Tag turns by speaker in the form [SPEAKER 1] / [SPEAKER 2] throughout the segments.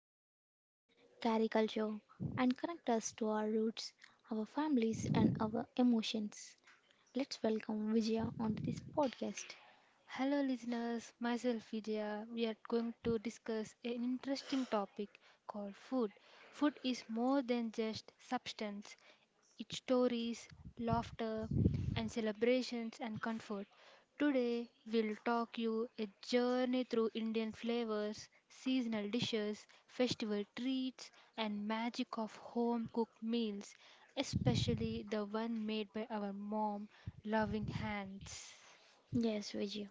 [SPEAKER 1] shape memories, carry culture, and connect us to our roots, our families, and our emotions. Let's welcome Vijaya onto this podcast.
[SPEAKER 2] Hello, listeners. Myself, Vijaya. We are going to discuss an interesting topic called food. Food is more than just substance, it's stories, laughter, and celebrations and comfort. Today, we'll talk you a journey through Indian flavors, seasonal dishes, festival treats, and magic of home-cooked meals, especially the one made by our mom loving hands.
[SPEAKER 1] Yes, Vijaya.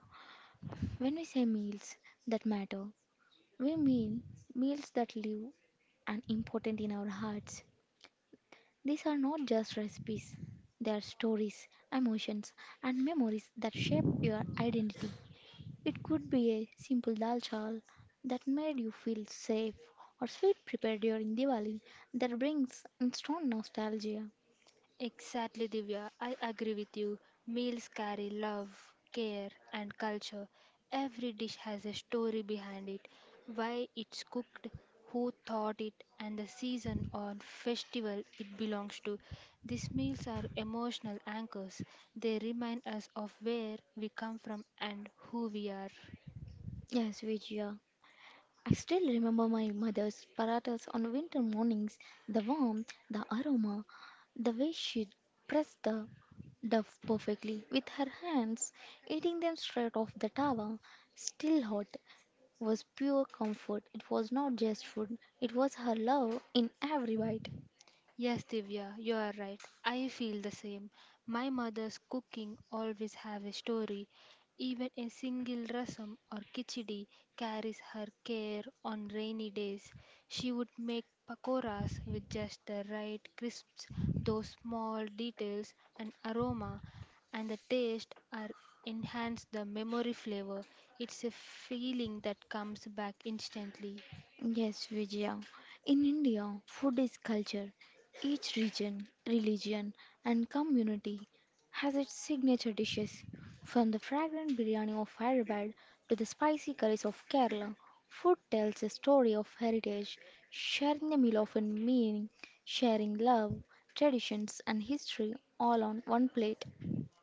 [SPEAKER 1] When we say meals that matter, we mean meals that live and important in our hearts. These are not just recipes, they are stories, emotions, and memories that shape your identity. It could be a simple dal chal that made you feel safe, or sweet prepared during Diwali that brings instant nostalgia.
[SPEAKER 2] Exactly, Divya. I agree with you. Meals carry love, care, and culture. Every dish has a story behind it why it's cooked, who thought it, and the season or festival it belongs to. These meals are emotional anchors, they remind us of where we come from and who we are.
[SPEAKER 1] Yes, Vijaya, I still remember my mother's paratas on winter mornings, the warmth, the aroma, the way she pressed the dough perfectly with her hands, eating them straight off the tawa, still hot, was pure comfort. It was not just food, it was her love in every bite.
[SPEAKER 2] Yes, Divya, you are right. I feel the same. My mother's cooking always have a story. Even a single rasam or kichdi carries her care on rainy days. She would make pakoras with just the right crisps, those small details and aroma and the taste are enhance the memory flavor. It's a feeling that comes back instantly.
[SPEAKER 1] Yes, Vijaya. In India, food is culture. Each region, religion, and community has its signature dishes. From the fragrant biryani of Hyderabad to the spicy curries of Kerala, food tells a story of heritage. Sharing a meal often meaning sharing love, traditions, and history all on one plate.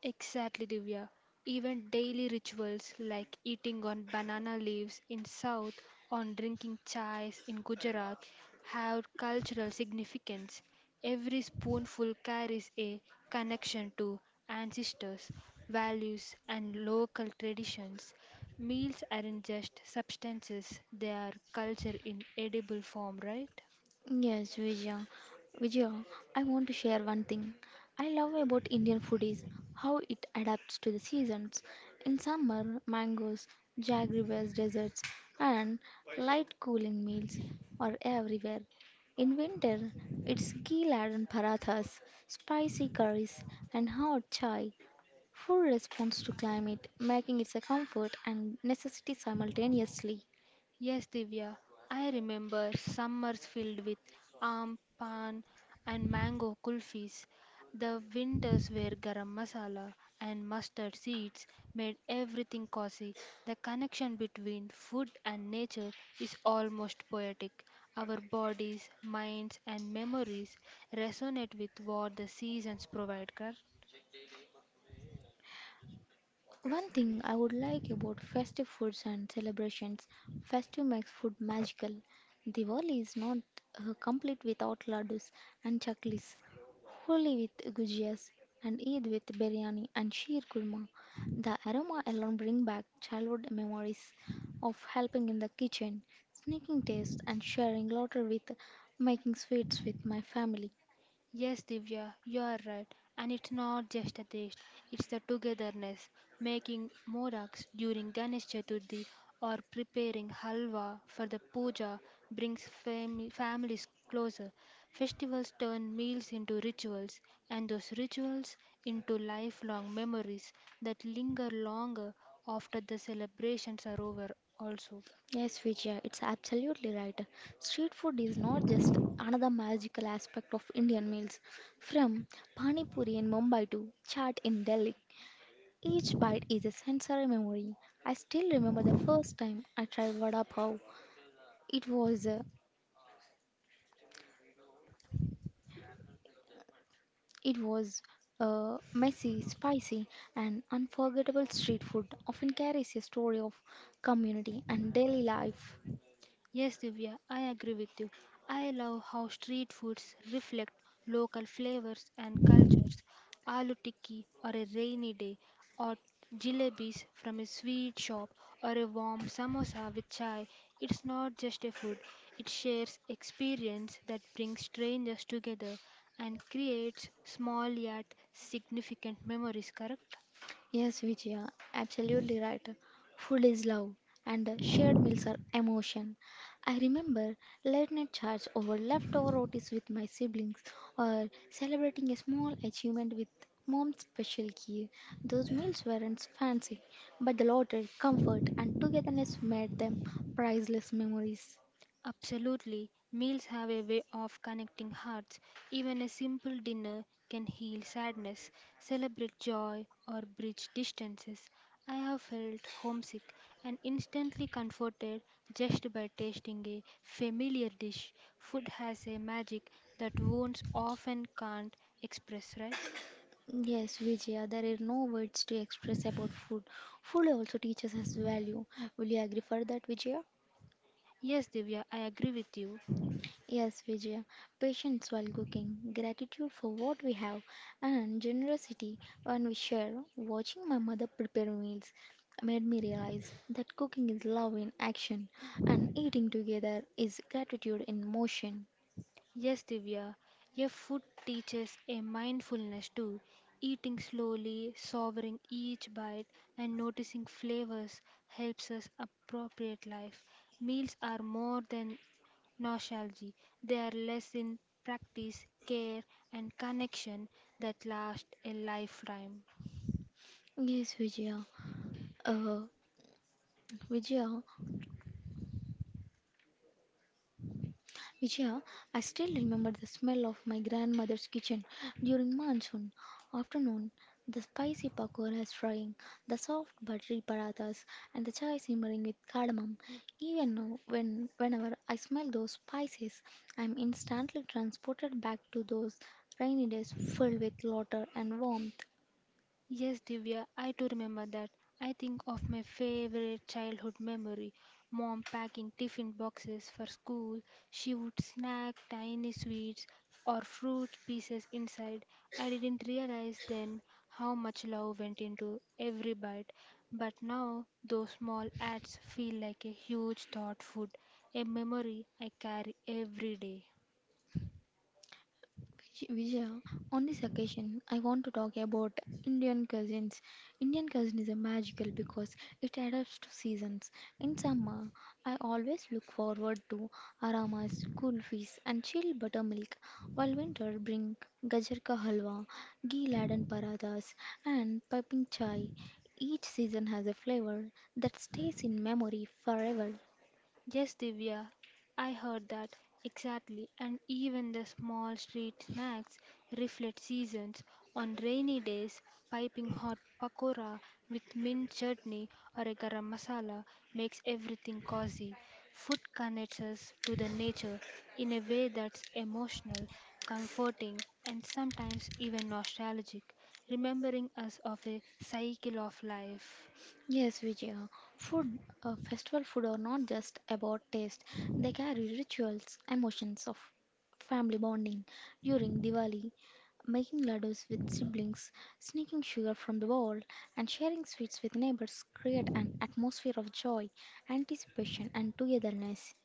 [SPEAKER 2] Exactly, Divya. Even daily rituals like eating on banana leaves in South or drinking chais in Gujarat have cultural significance. Every spoonful carries a connection to ancestors, values, and local traditions. Meals aren't just substances, they are culture in edible form, right?
[SPEAKER 1] Yes, Vijaya. Vijaya, I want to share one thing I love about Indian food is how it adapts to the seasons. In summer, mangoes, jaggery based desserts, and light cooling meals are everywhere. In winter, it's ghee laden parathas, spicy curries, and hot chai. Food responds to climate, making it a comfort and necessity simultaneously.
[SPEAKER 2] Yes, Divya, I remember summers filled with aam, pan, and mango kulfis. The winters where garam masala and mustard seeds made everything cozy. The connection between food and nature is almost poetic. Our bodies, minds, and memories resonate with what the seasons provide.
[SPEAKER 1] One thing I would like about festive foods and celebrations, festive makes food magical. Diwali is not complete without laddus and chaklis, Holi with gujias, and Eid with biryani and sheer kurma. The aroma alone bring back childhood memories of helping in the kitchen, sneaking taste, and sharing laughter with making sweets with my family.
[SPEAKER 2] Yes, Divya, you are right. And it's not just a taste, it's the togetherness. Making modaks during Ganesh Chaturthi or preparing halwa for the puja brings families closer. Festivals turn meals into rituals, and those rituals into lifelong memories that linger longer after the celebrations are over, also.
[SPEAKER 1] Yes, Vijaya, it's absolutely right. Street food is not just another magical aspect of Indian meals. From Pani Puri in Mumbai to chaat in Delhi, each bite is a sensory memory. I still remember the first time I tried vada pav. It was uh, it was messy, spicy, and unforgettable. Street food often carries a story of community and daily life.
[SPEAKER 2] Yes, Divya, I agree with you. I love how street foods reflect local flavors and cultures. Aloo tikki or a rainy day, or jalebis from a sweet shop, or a warm samosa with chai. It's not just a food, it shares experience that brings strangers together and creates small yet significant memories, correct?
[SPEAKER 1] Yes, Vijaya, absolutely right. Food is love, and the shared meals are emotion. I remember late night chats over leftover rotis with my siblings, or celebrating a small achievement with mom's special key. Those meals weren't fancy, but the laughter, comfort, and togetherness made them priceless memories.
[SPEAKER 2] Absolutely, meals have a way of connecting hearts. Even a simple dinner can heal sadness, celebrate joy, or bridge distances. I have felt homesick and instantly comforted just by tasting a familiar dish. Food has a magic that wounds often can't express, right?
[SPEAKER 1] Yes, Vijaya, there are no words to express about food. Food also teaches us value. Will you agree for that, Vijaya?
[SPEAKER 2] Yes, Divya, I agree with you.
[SPEAKER 1] Yes, Vijaya, patience while cooking, gratitude for what we have, and generosity when we share. Watching my mother prepare meals made me realize that cooking is love in action, and eating together is gratitude in motion.
[SPEAKER 2] Yes, Divya, your food teaches a mindfulness too. Eating slowly, savoring each bite, and noticing flavors helps us appropriate life. Meals are more than nostalgia, they are less in practice, care, and connection that last a lifetime.
[SPEAKER 1] Yes, Vijaya. Uh, Vijaya, Vijaya, I still remember the smell of my grandmother's kitchen during monsoon afternoon, the spicy pakoras frying, the soft buttery parathas, and the chai simmering with cardamom. Even now, whenever I smell those spices, I am instantly transported back to those rainy days filled with laughter and warmth.
[SPEAKER 2] Yes, Divya, I do remember that. I think of my favorite childhood memory mom packing tiffin boxes for school. She would snack tiny sweets or fruit pieces inside. I didn't realize then how much love went into every bite, but now those small acts feel like a huge thought food, a memory I carry every day.
[SPEAKER 1] Vijaya, on this occasion, I want to talk about Indian cuisines. Indian cuisine is a magical because it adapts to seasons. In summer, I always look forward to aramas, kulfis, and chilled buttermilk, while winter bring gajar ka halwa, ghee laden parathas, and piping chai. Each season has a flavor that stays in memory forever.
[SPEAKER 2] Yes, Divya, I heard that exactly. And even the small street snacks reflect seasons. On rainy days, piping hot pakora with mint chutney or a garam masala makes everything cozy. Food connects us to the nature in a way that's emotional, comforting, and sometimes even nostalgic, remembering us of a cycle of life.
[SPEAKER 1] Yes, Vijaya. Festival food are not just about taste. They carry rituals, emotions of family bonding. During Diwali, making laddus with siblings, sneaking sugar from the wall, and sharing sweets with neighbors create an atmosphere of joy, anticipation, and togetherness.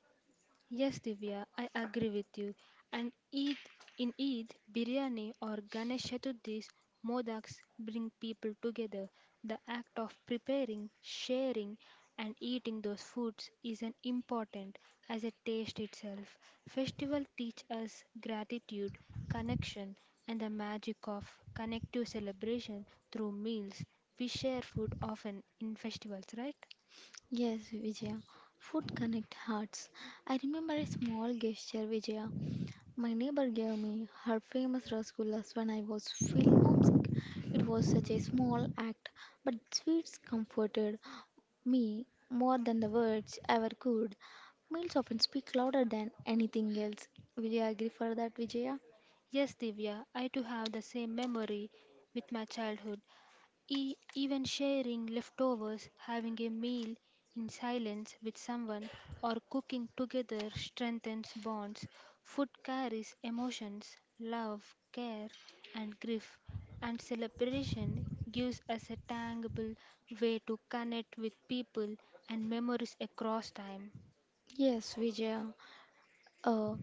[SPEAKER 2] Yes, Divya, I agree with you. And Eid in Eid, biryani or Ganesh Chaturdis, modaks bring people together. The act of preparing, sharing, and eating those foods is an important as a taste itself. Festival teach us gratitude, connection, and the magic of connective celebration through meals. We share food often in festivals, right?
[SPEAKER 1] Yes, Vijaya. Food connect hearts. I remember a small gesture, Vijaya. My neighbor gave me her famous rasgullas when I was feeling homesick. It was such a small act, but sweets comforted me more than the words ever could. Meals often speak louder than anything else. Will you agree for that, Vijaya?
[SPEAKER 2] Yes, Divya, I too have the same memory with my childhood. Even sharing leftovers, having a meal in silence with someone, or cooking together strengthens bonds. Food carries emotions, love, care, and grief, and celebration gives us a tangible way to connect with people and memories across time.
[SPEAKER 1] Yes, Vijaya. Uh,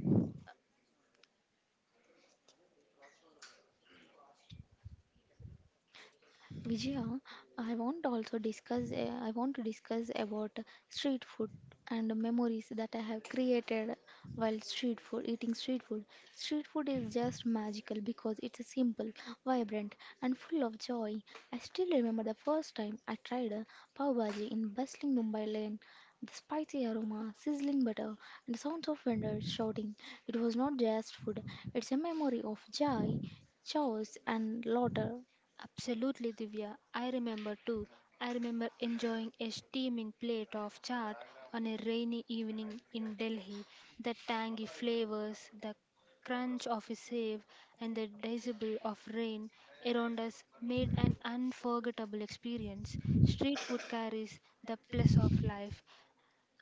[SPEAKER 1] Vijaya, I want also discuss. I want to discuss about street food and memories that I have created while street food eating street food. Street food is just magical because it's simple, vibrant, and full of joy. I still remember the first time I tried a pav bhaji in bustling Mumbai lane. The spicy aroma, sizzling butter, and the sounds of vendors shouting. It was not just food; it's a memory of joy, chaos, and laughter.
[SPEAKER 2] Absolutely, Divya. I remember too. I remember enjoying a steaming plate of chaat on a rainy evening in Delhi. The tangy flavors, the crunch of a save, and the drizzle of rain around us made an unforgettable experience. Street food carries the bliss of life,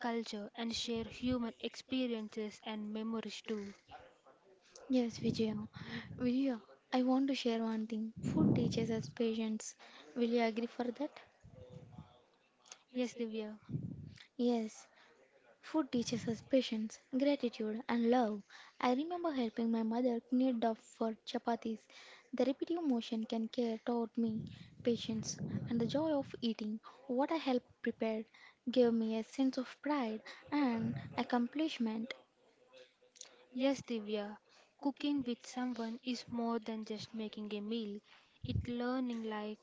[SPEAKER 2] culture, and share human experiences and memories too.
[SPEAKER 1] Yes, Vijaya. Vijaya, I want to share one thing. Food teaches us patience. Will you agree for that?
[SPEAKER 2] Yes, Divya.
[SPEAKER 1] Yes, food teaches us patience, gratitude, and love. I remember helping my mother knead dough for chapatis. The repetitive motion can care taught me patience and the joy of eating. What I helped prepare gave me a sense of pride and accomplishment.
[SPEAKER 2] Yes, Divya, cooking with someone is more than just making a meal. It learning life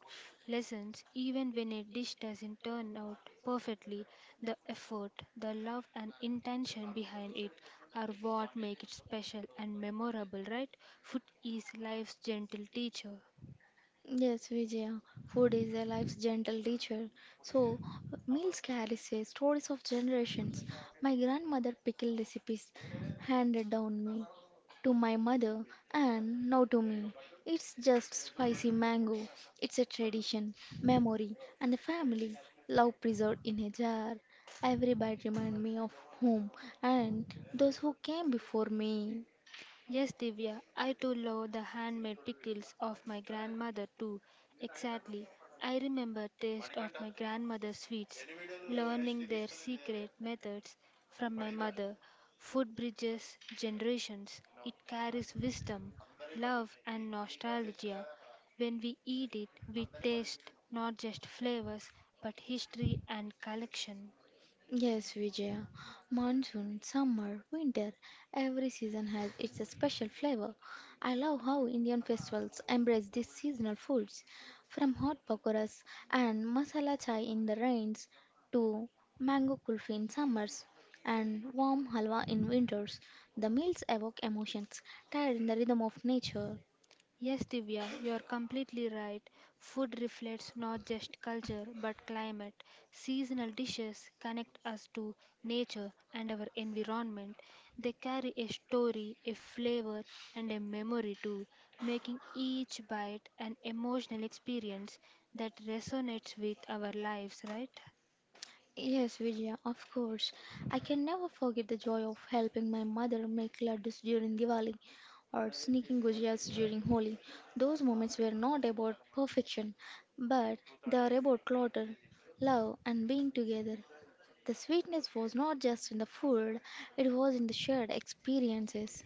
[SPEAKER 2] lessons even when a dish doesn't turn out perfectly. The effort, the love, and intention behind it are what make it special and memorable, right? Food is life's gentle teacher.
[SPEAKER 1] Yes, Vijaya, food is a life's gentle teacher. So, meals carry say, stories of generations. My grandmother pickled recipes handed down me to my mother and now to me. It's just spicy mango. It's a tradition, memory, and the family love preserved in a jar. Every bite reminds me of home and those who came before me.
[SPEAKER 2] Yes, Divya, I too love the handmade pickles of my grandmother too. Exactly. I remember taste of my grandmother's sweets, learning their secret methods from my mother. Food bridges generations. It carries wisdom, love and nostalgia. When we eat it, we taste not just flavors but history and collection.
[SPEAKER 1] Yes, Vijaya. Monsoon, summer, winter, every season has its special flavor. I love how Indian festivals embrace these seasonal foods, from hot pakoras and masala chai in the rains to mango kulfi in summers and warm halwa in winters. The meals evoke emotions, tied in the rhythm of nature.
[SPEAKER 2] Yes, Divya, you are completely right. Food reflects not just culture but climate. Seasonal dishes connect us to nature and our environment. They carry a story, a flavor, and a memory too, making each bite an emotional experience that resonates with our lives, right?
[SPEAKER 1] Yes, Vijaya, of course. I can never forget the joy of helping my mother make laddus during Diwali or sneaking gujas during Holi. Those moments were not about perfection, but they are about clutter, love, and being together. The sweetness was not just in the food, it was in the shared experiences.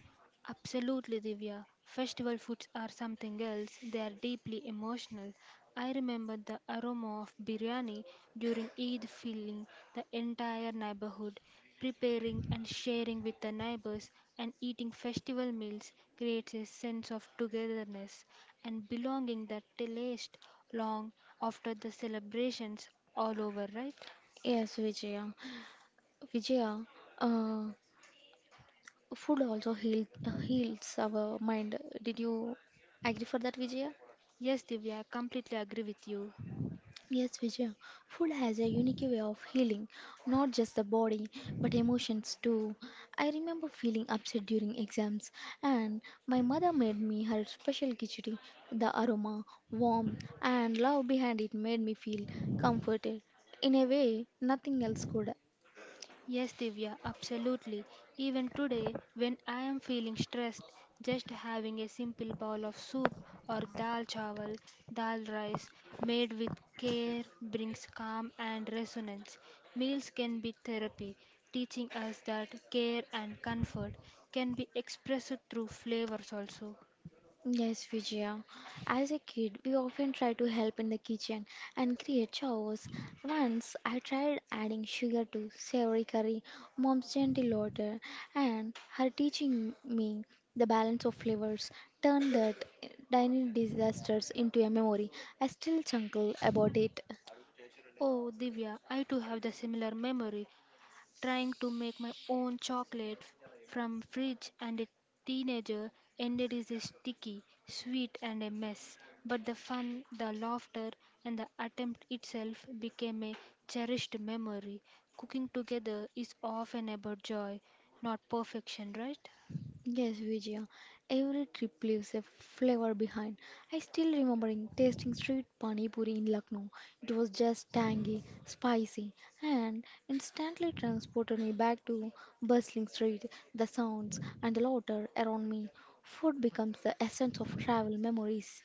[SPEAKER 2] Absolutely, Divya. Festival foods are something else. They are deeply emotional. I remember the aroma of biryani during Eid filling the entire neighborhood. Preparing and sharing with the neighbors and eating festival meals creates a sense of togetherness and belonging that lasts long after the celebrations all over, right?
[SPEAKER 1] Yes, Vijaya. Vijaya, uh, heals our mind. Did you agree for that, Vijaya?
[SPEAKER 2] Yes, Divya, I completely agree with you.
[SPEAKER 1] Yes, Vijaya, food has a unique way of healing, not just the body, but emotions too. I remember feeling upset during exams, and my mother made me her special khichdi. The aroma, warmth, and love behind it made me feel comforted in a way nothing else could.
[SPEAKER 2] Yes, Divya, absolutely. Even today, when I am feeling stressed, just having a simple bowl of soup or dal chawal, dal rice made with care brings calm and resonance. Meals can be therapy, teaching us that care and comfort can be expressed through flavors also.
[SPEAKER 1] Yes, Vijaya. As a kid, we often try to help in the kitchen and create chores. Once I tried adding sugar to savory curry, mom's gentle order, and her teaching me the balance of flavors turned that tiny disasters into a memory. I still chuckle about it.
[SPEAKER 2] Oh, Divya, I too have the similar memory trying to make my own chocolate from fridge and a teenager ended is a sticky, sweet and a mess. But the fun, the laughter and the attempt itself became a cherished memory. Cooking together is often about joy, not perfection, right?
[SPEAKER 1] Yes, Vijaya. Every trip leaves a flavor behind. I still remembering tasting street pani puri in Lucknow. It was just tangy, spicy, and instantly transported me back to bustling street, the sounds and the laughter around me. Food becomes the essence of travel memories.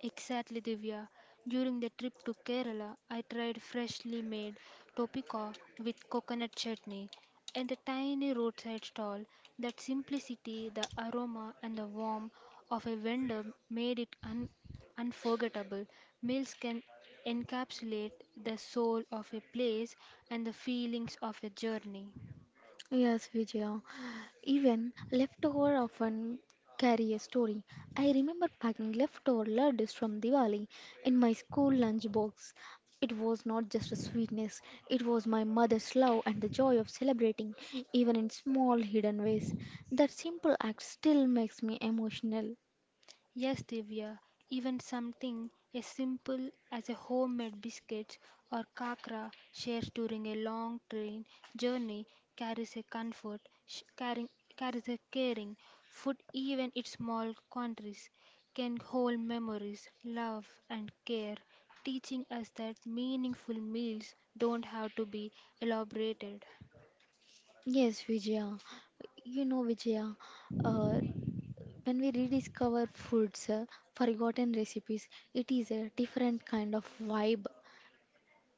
[SPEAKER 2] Exactly, Divya. During the trip to Kerala, I tried freshly made topika with coconut chutney and the tiny roadside stall. That simplicity, the aroma, and the warmth of a vendor made it unforgettable. Meals can encapsulate the soul of a place and the feelings of a journey.
[SPEAKER 1] Yes, Vijaya. Even leftover often carry a story. I remember packing leftover laddus from Diwali in my school lunchbox. It was not just a sweetness, it was my mother's love and the joy of celebrating, even in small hidden ways. That simple act still makes me emotional.
[SPEAKER 2] Yes, Divya, even something as simple as a homemade biscuit or kakra shared during a long train journey carries a comfort, carries a caring. Food, even in small quantities can hold memories, love, and care, teaching us that meaningful meals don't have to be elaborated.
[SPEAKER 1] Yes, Vijaya. Vijaya, uh, when we rediscover forgotten recipes, it is a different kind of vibe.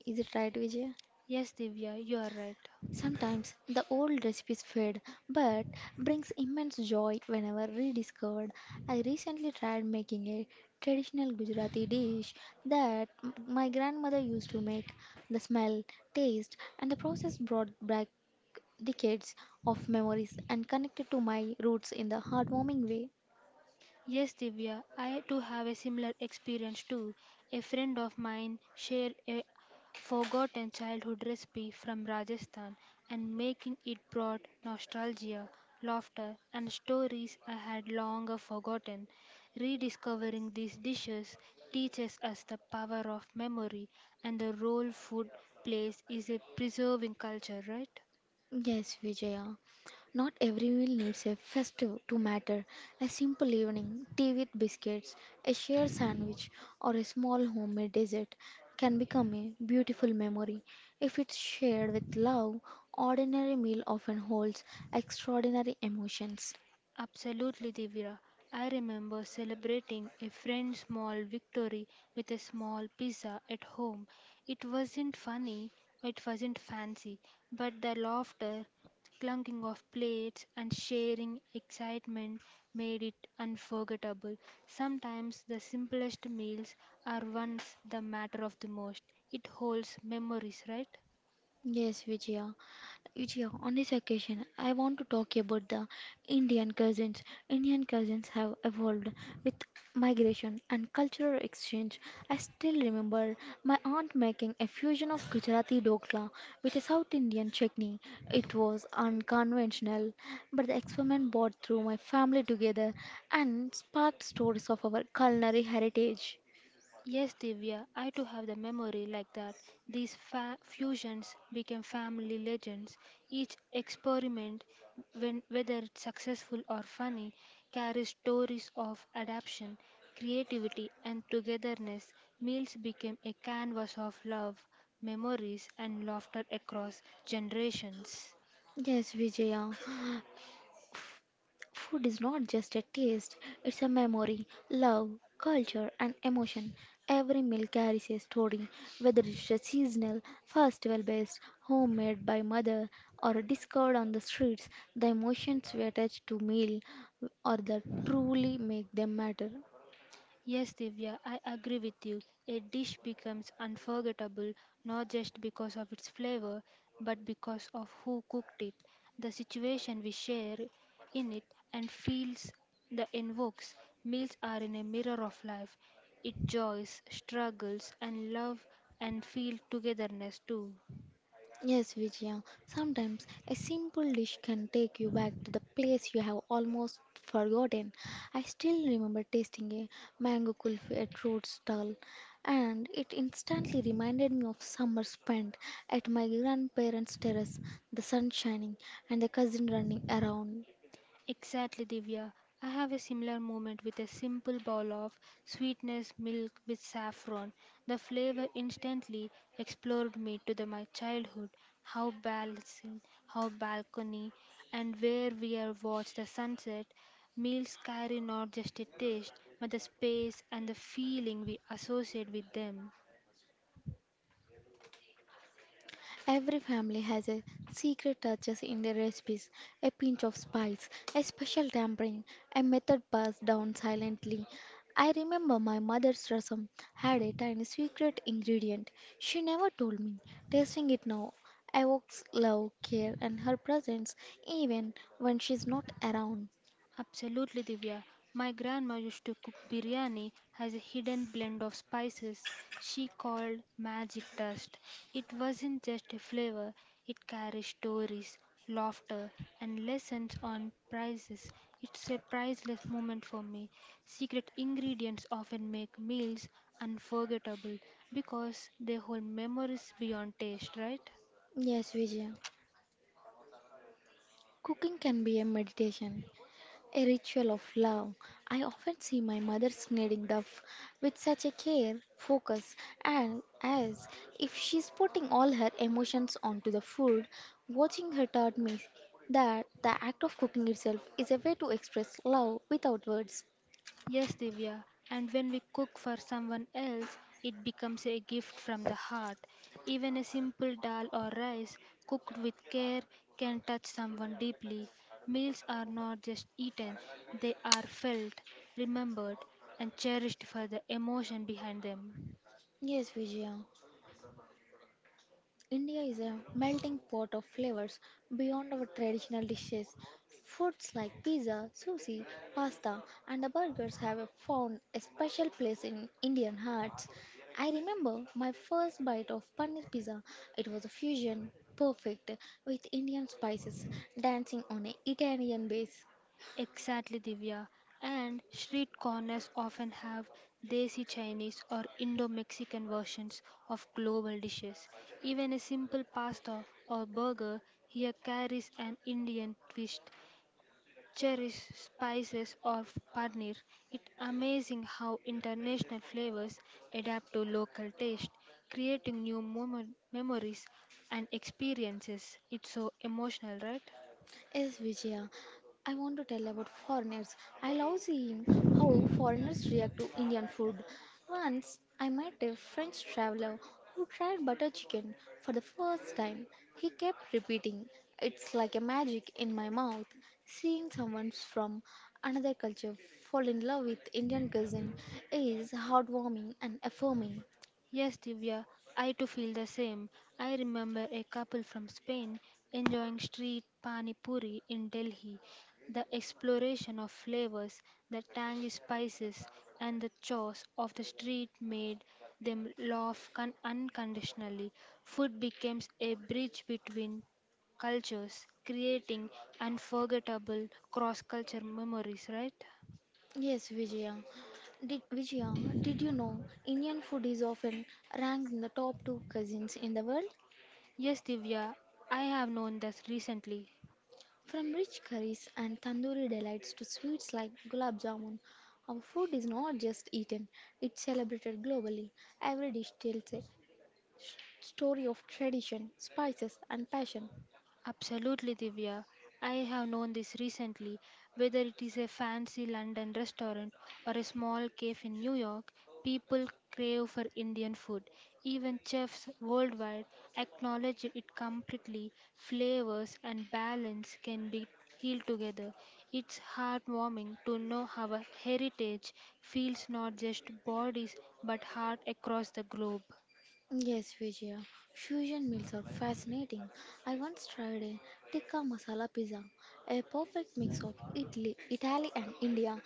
[SPEAKER 1] Is it right, Vijay?
[SPEAKER 2] Yes, Divya, you are right.
[SPEAKER 1] Sometimes the old recipes fade, but brings immense joy whenever rediscovered. I recently tried making a traditional Gujarati dish that my grandmother used to make. The smell, taste, and the process brought back decades of memories and connected to my roots in the heartwarming way.
[SPEAKER 2] Yes, Divya, I too have a similar experience too. A friend of mine shared a forgotten childhood recipe from Rajasthan and making it brought nostalgia, laughter, and stories I had long forgotten. Rediscovering these dishes teaches us the power of memory and the role food plays in preserving culture, right?
[SPEAKER 1] Yes, Vijaya. Not every meal needs a festive to matter. A simple evening, tea with biscuits, a shared sandwich, or a small homemade dessert can become a beautiful memory. If it's shared with love, ordinary meal often holds extraordinary emotions.
[SPEAKER 2] Absolutely, Divya. I remember celebrating a friend's small victory with a small pizza at home. It wasn't funny, it wasn't fancy, but the laughter, clunking of plates, and sharing excitement made it unforgettable. Sometimes the simplest meals are ones that matter of the most. It holds memories, right?
[SPEAKER 1] Yes, Vijaya. Vijaya, on this occasion, I want to talk about the Indian cousins. Indian cousins have evolved with migration and cultural exchange. I still remember my aunt making a fusion of Gujarati dokla with a South Indian chutney. It was unconventional, but the experiment brought through my family together and sparked stories of our culinary heritage.
[SPEAKER 2] Yes, Divya, I too have the memory like that. These fusions became family legends. Each experiment, when, whether it's successful or funny, carries stories of adaptation, creativity, and togetherness. Meals became a canvas of love, memories, and laughter across generations.
[SPEAKER 1] Yes, Vijaya. Food is not just a taste, it's a memory, love, culture, and emotion. Every meal carries a story, whether it's a seasonal, festival based, homemade by mother, or discovered on the streets. The emotions we attach to meal are that truly make them matter.
[SPEAKER 2] Yes, Divya, I agree with you. A dish becomes unforgettable not just because of its flavor, but because of who cooked it, the situation we share in it, and feels the invokes. Meals are in a mirror of life. It joys, struggles, and love, and feel togetherness too.
[SPEAKER 1] Yes, Vijaya. Sometimes a simple dish can take you back to the place you have almost forgotten. I still remember tasting a mango kulfi at road stall, and it instantly reminded me of summer spent at my grandparents' terrace, the sun shining and the cousin running around.
[SPEAKER 2] Exactly, Divya. I have a similar moment with a simple bowl of sweetness milk with saffron. The flavor instantly explored me to the, my childhood, how balcony, how balcony, and where we are watched the sunset. Meals carry not just a taste, but the space and the feeling we associate with them.
[SPEAKER 1] Every family has a secret touches in their recipes, a pinch of spice, a special tampering, a method passed down silently. I remember my mother's rasam had a tiny secret ingredient. She never told me. Tasting it now evokes love, care, and her presence even when she's not around.
[SPEAKER 2] Absolutely, Divya. My grandma used to cook biryani as a hidden blend of spices she called magic dust. It wasn't just a flavor, it carried stories, laughter, and lessons on prices. It's a priceless moment for me. Secret ingredients often make meals unforgettable because they hold memories beyond taste, right?
[SPEAKER 1] Yes, Vijay, cooking can be a meditation. A ritual of love. I often see my mother knitting the with such a care, focus, and as if she's putting all her emotions onto the food. Watching her taught me that the act of cooking itself is a way to express love without words.
[SPEAKER 2] Yes, Divya, and when we cook for someone else, it becomes a gift from the heart. Even a simple dal or rice cooked with care can touch someone deeply. Meals are not just eaten, they are felt, remembered, and cherished for the emotion behind them.
[SPEAKER 1] Yes, Vijaya. India is a melting pot of flavors beyond our traditional dishes. Foods like pizza, sushi, pasta, and the burgers found a special place in Indian hearts. I remember my first bite of paneer pizza. It was a fusion, perfect, with Indian spices dancing on an Italian base.
[SPEAKER 2] Exactly, Divya. And street corners often have desi Chinese or Indo Mexican versions of global dishes. Even a simple pasta or burger here carries an Indian twist. Cherish spices or paneer. It's amazing how international flavors adapt to local taste, creating new memories and experiences. It's so emotional, right?
[SPEAKER 1] Yes, Vijaya. I want to tell about foreigners. I love seeing how foreigners react to Indian food. Once I met a French traveler who tried butter chicken for the first time. He kept repeating, it's like a magic in my mouth. Seeing someone from another culture fall in love with Indian cuisine is heartwarming and affirming.
[SPEAKER 2] Yes, Divya, I too feel the same. I remember a couple from Spain enjoying street pani puri in Delhi. The exploration of flavors, the tangy spices, and the chores of the street made them laugh unconditionally. Food becomes a bridge between cultures, creating unforgettable cross culture memories, right?
[SPEAKER 1] Yes, Vijaya. Vijaya, did you know Indian food is often ranked in the top two cuisines in the world?
[SPEAKER 2] Yes, Divya, I have known this recently.
[SPEAKER 1] From rich curries and tandoori delights to sweets like gulab jamun, our food is not just eaten, it's celebrated globally. Every dish tells a story of tradition, spices, and passion.
[SPEAKER 2] Absolutely, Divya. I have known this recently. Whether it is a fancy London restaurant or a small cave in New York, people crave for Indian food. Even chefs worldwide acknowledge it completely. Flavors and balance can be healed together. It's heartwarming to know our heritage feels not just bodies but heart across the globe.
[SPEAKER 1] Yes, Vijaya. Fusion meals are fascinating. I once tried a tikka masala pizza, a perfect mix of Italy and India.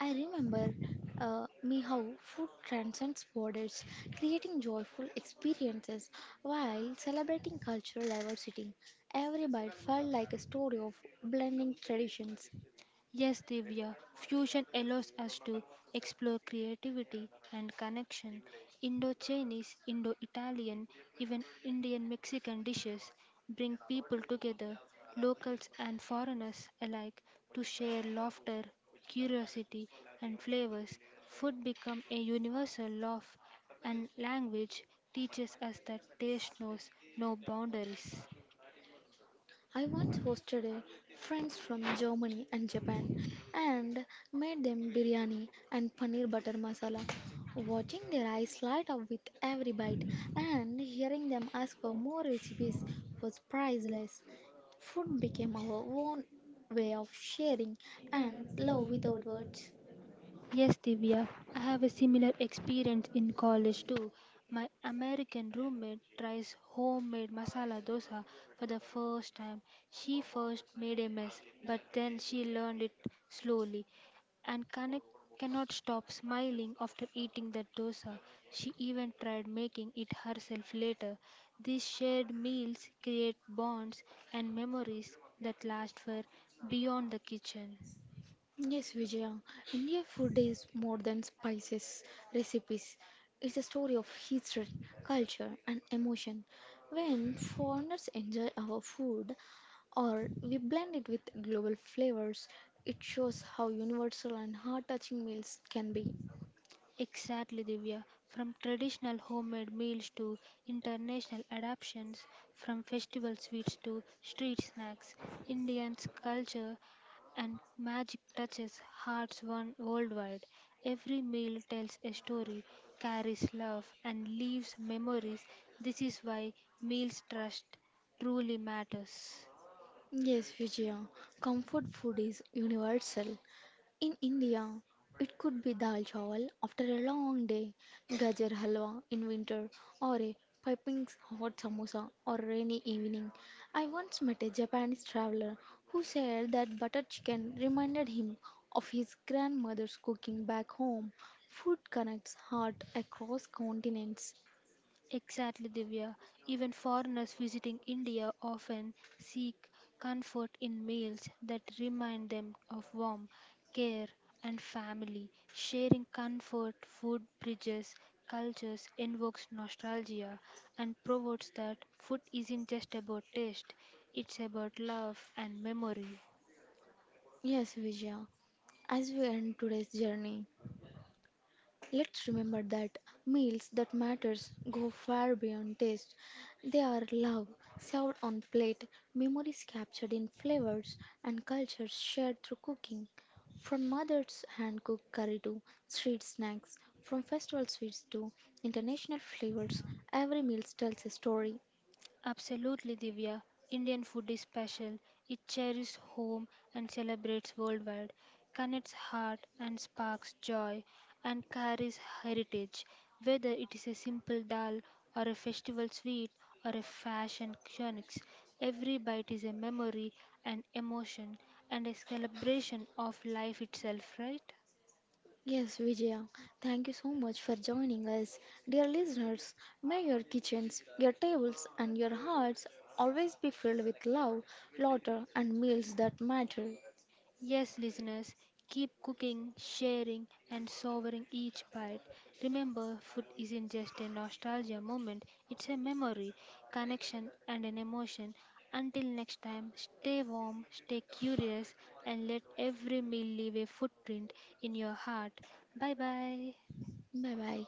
[SPEAKER 1] I remember me how food transcends borders, creating joyful experiences while celebrating cultural diversity. Every bite felt like a story of blending traditions,
[SPEAKER 2] Yes, Divya, fusion allows us to explore creativity and connection. Indo Chinese, Indo Italian, even Indian Mexican dishes bring people together, locals and foreigners alike, to share laughter, curiosity, and flavors. Food becomes a universal love, and language teaches us that taste knows no boundaries.
[SPEAKER 1] I once hosted a friends from Germany and Japan and made them biryani and paneer butter masala. Watching their eyes light up with every bite and hearing them ask for more recipes was priceless. Food became our own way of sharing and love
[SPEAKER 2] And
[SPEAKER 1] without words.
[SPEAKER 2] yes, Divya, I have a similar experience in college too. My American roommate tries homemade masala dosa for the first time. She first made a mess, but then she learned it slowly and connect, cannot stop smiling after eating that dosa. She even tried making it herself later. These shared meals create bonds and memories that last for beyond the kitchen.
[SPEAKER 1] Yes, Vijaya. India food is more than spices, recipes. It's a story of history, culture, and emotion. When foreigners enjoy our food or we blend it with global flavors, it shows how universal and heart touching meals can be.
[SPEAKER 2] Exactly, Divya. From traditional homemade meals to international adaptations, from festival sweets to street snacks, Indians' culture and magic touches hearts one worldwide. Every meal tells a story, carries love, and leaves memories. This is why meals trust truly matters.
[SPEAKER 1] Yes, Vijaya. Comfort food is universal. In India, it could be dal chawal after a long day, gajar halwa in winter, or a piping hot samosa or a rainy evening. I once met a Japanese traveler who said that butter chicken reminded him of his grandmother's cooking back home. Food connects heart across continents.
[SPEAKER 2] Exactly, Divya. Even foreigners visiting India often seek comfort in meals that remind them of warmth, care, and family. Sharing comfort food bridges cultures, invokes nostalgia, and proves that food isn't just about taste, it's about love and memory.
[SPEAKER 1] Yes, Vijaya, as we end today's journey, let's remember that meals that matters go far beyond taste. They are love served on plate, memories captured in flavors, and cultures shared through cooking. From mother's hand-cooked curry to street snacks, from festival sweets to international flavors, every meal tells a story.
[SPEAKER 2] Absolutely, Divya. Indian food is special. It cherishes home and celebrates worldwide, connects heart and sparks joy, and carries heritage. Whether it is a simple dal or a festival sweet or a fashion chronics, every bite is a memory, an emotion, and a celebration of life itself, right?
[SPEAKER 1] Yes, Vijaya, thank you so much for joining us. Dear listeners, may your kitchens, your tables, and your hearts always be filled with love, laughter, and meals that matter.
[SPEAKER 2] Yes, listeners, keep cooking, sharing, and savoring each bite. Remember, food isn't just a nostalgia moment, it's a memory, connection, and an emotion. Until next time, stay warm, stay curious, and let every meal leave a footprint in your heart. Bye bye.
[SPEAKER 1] Bye bye.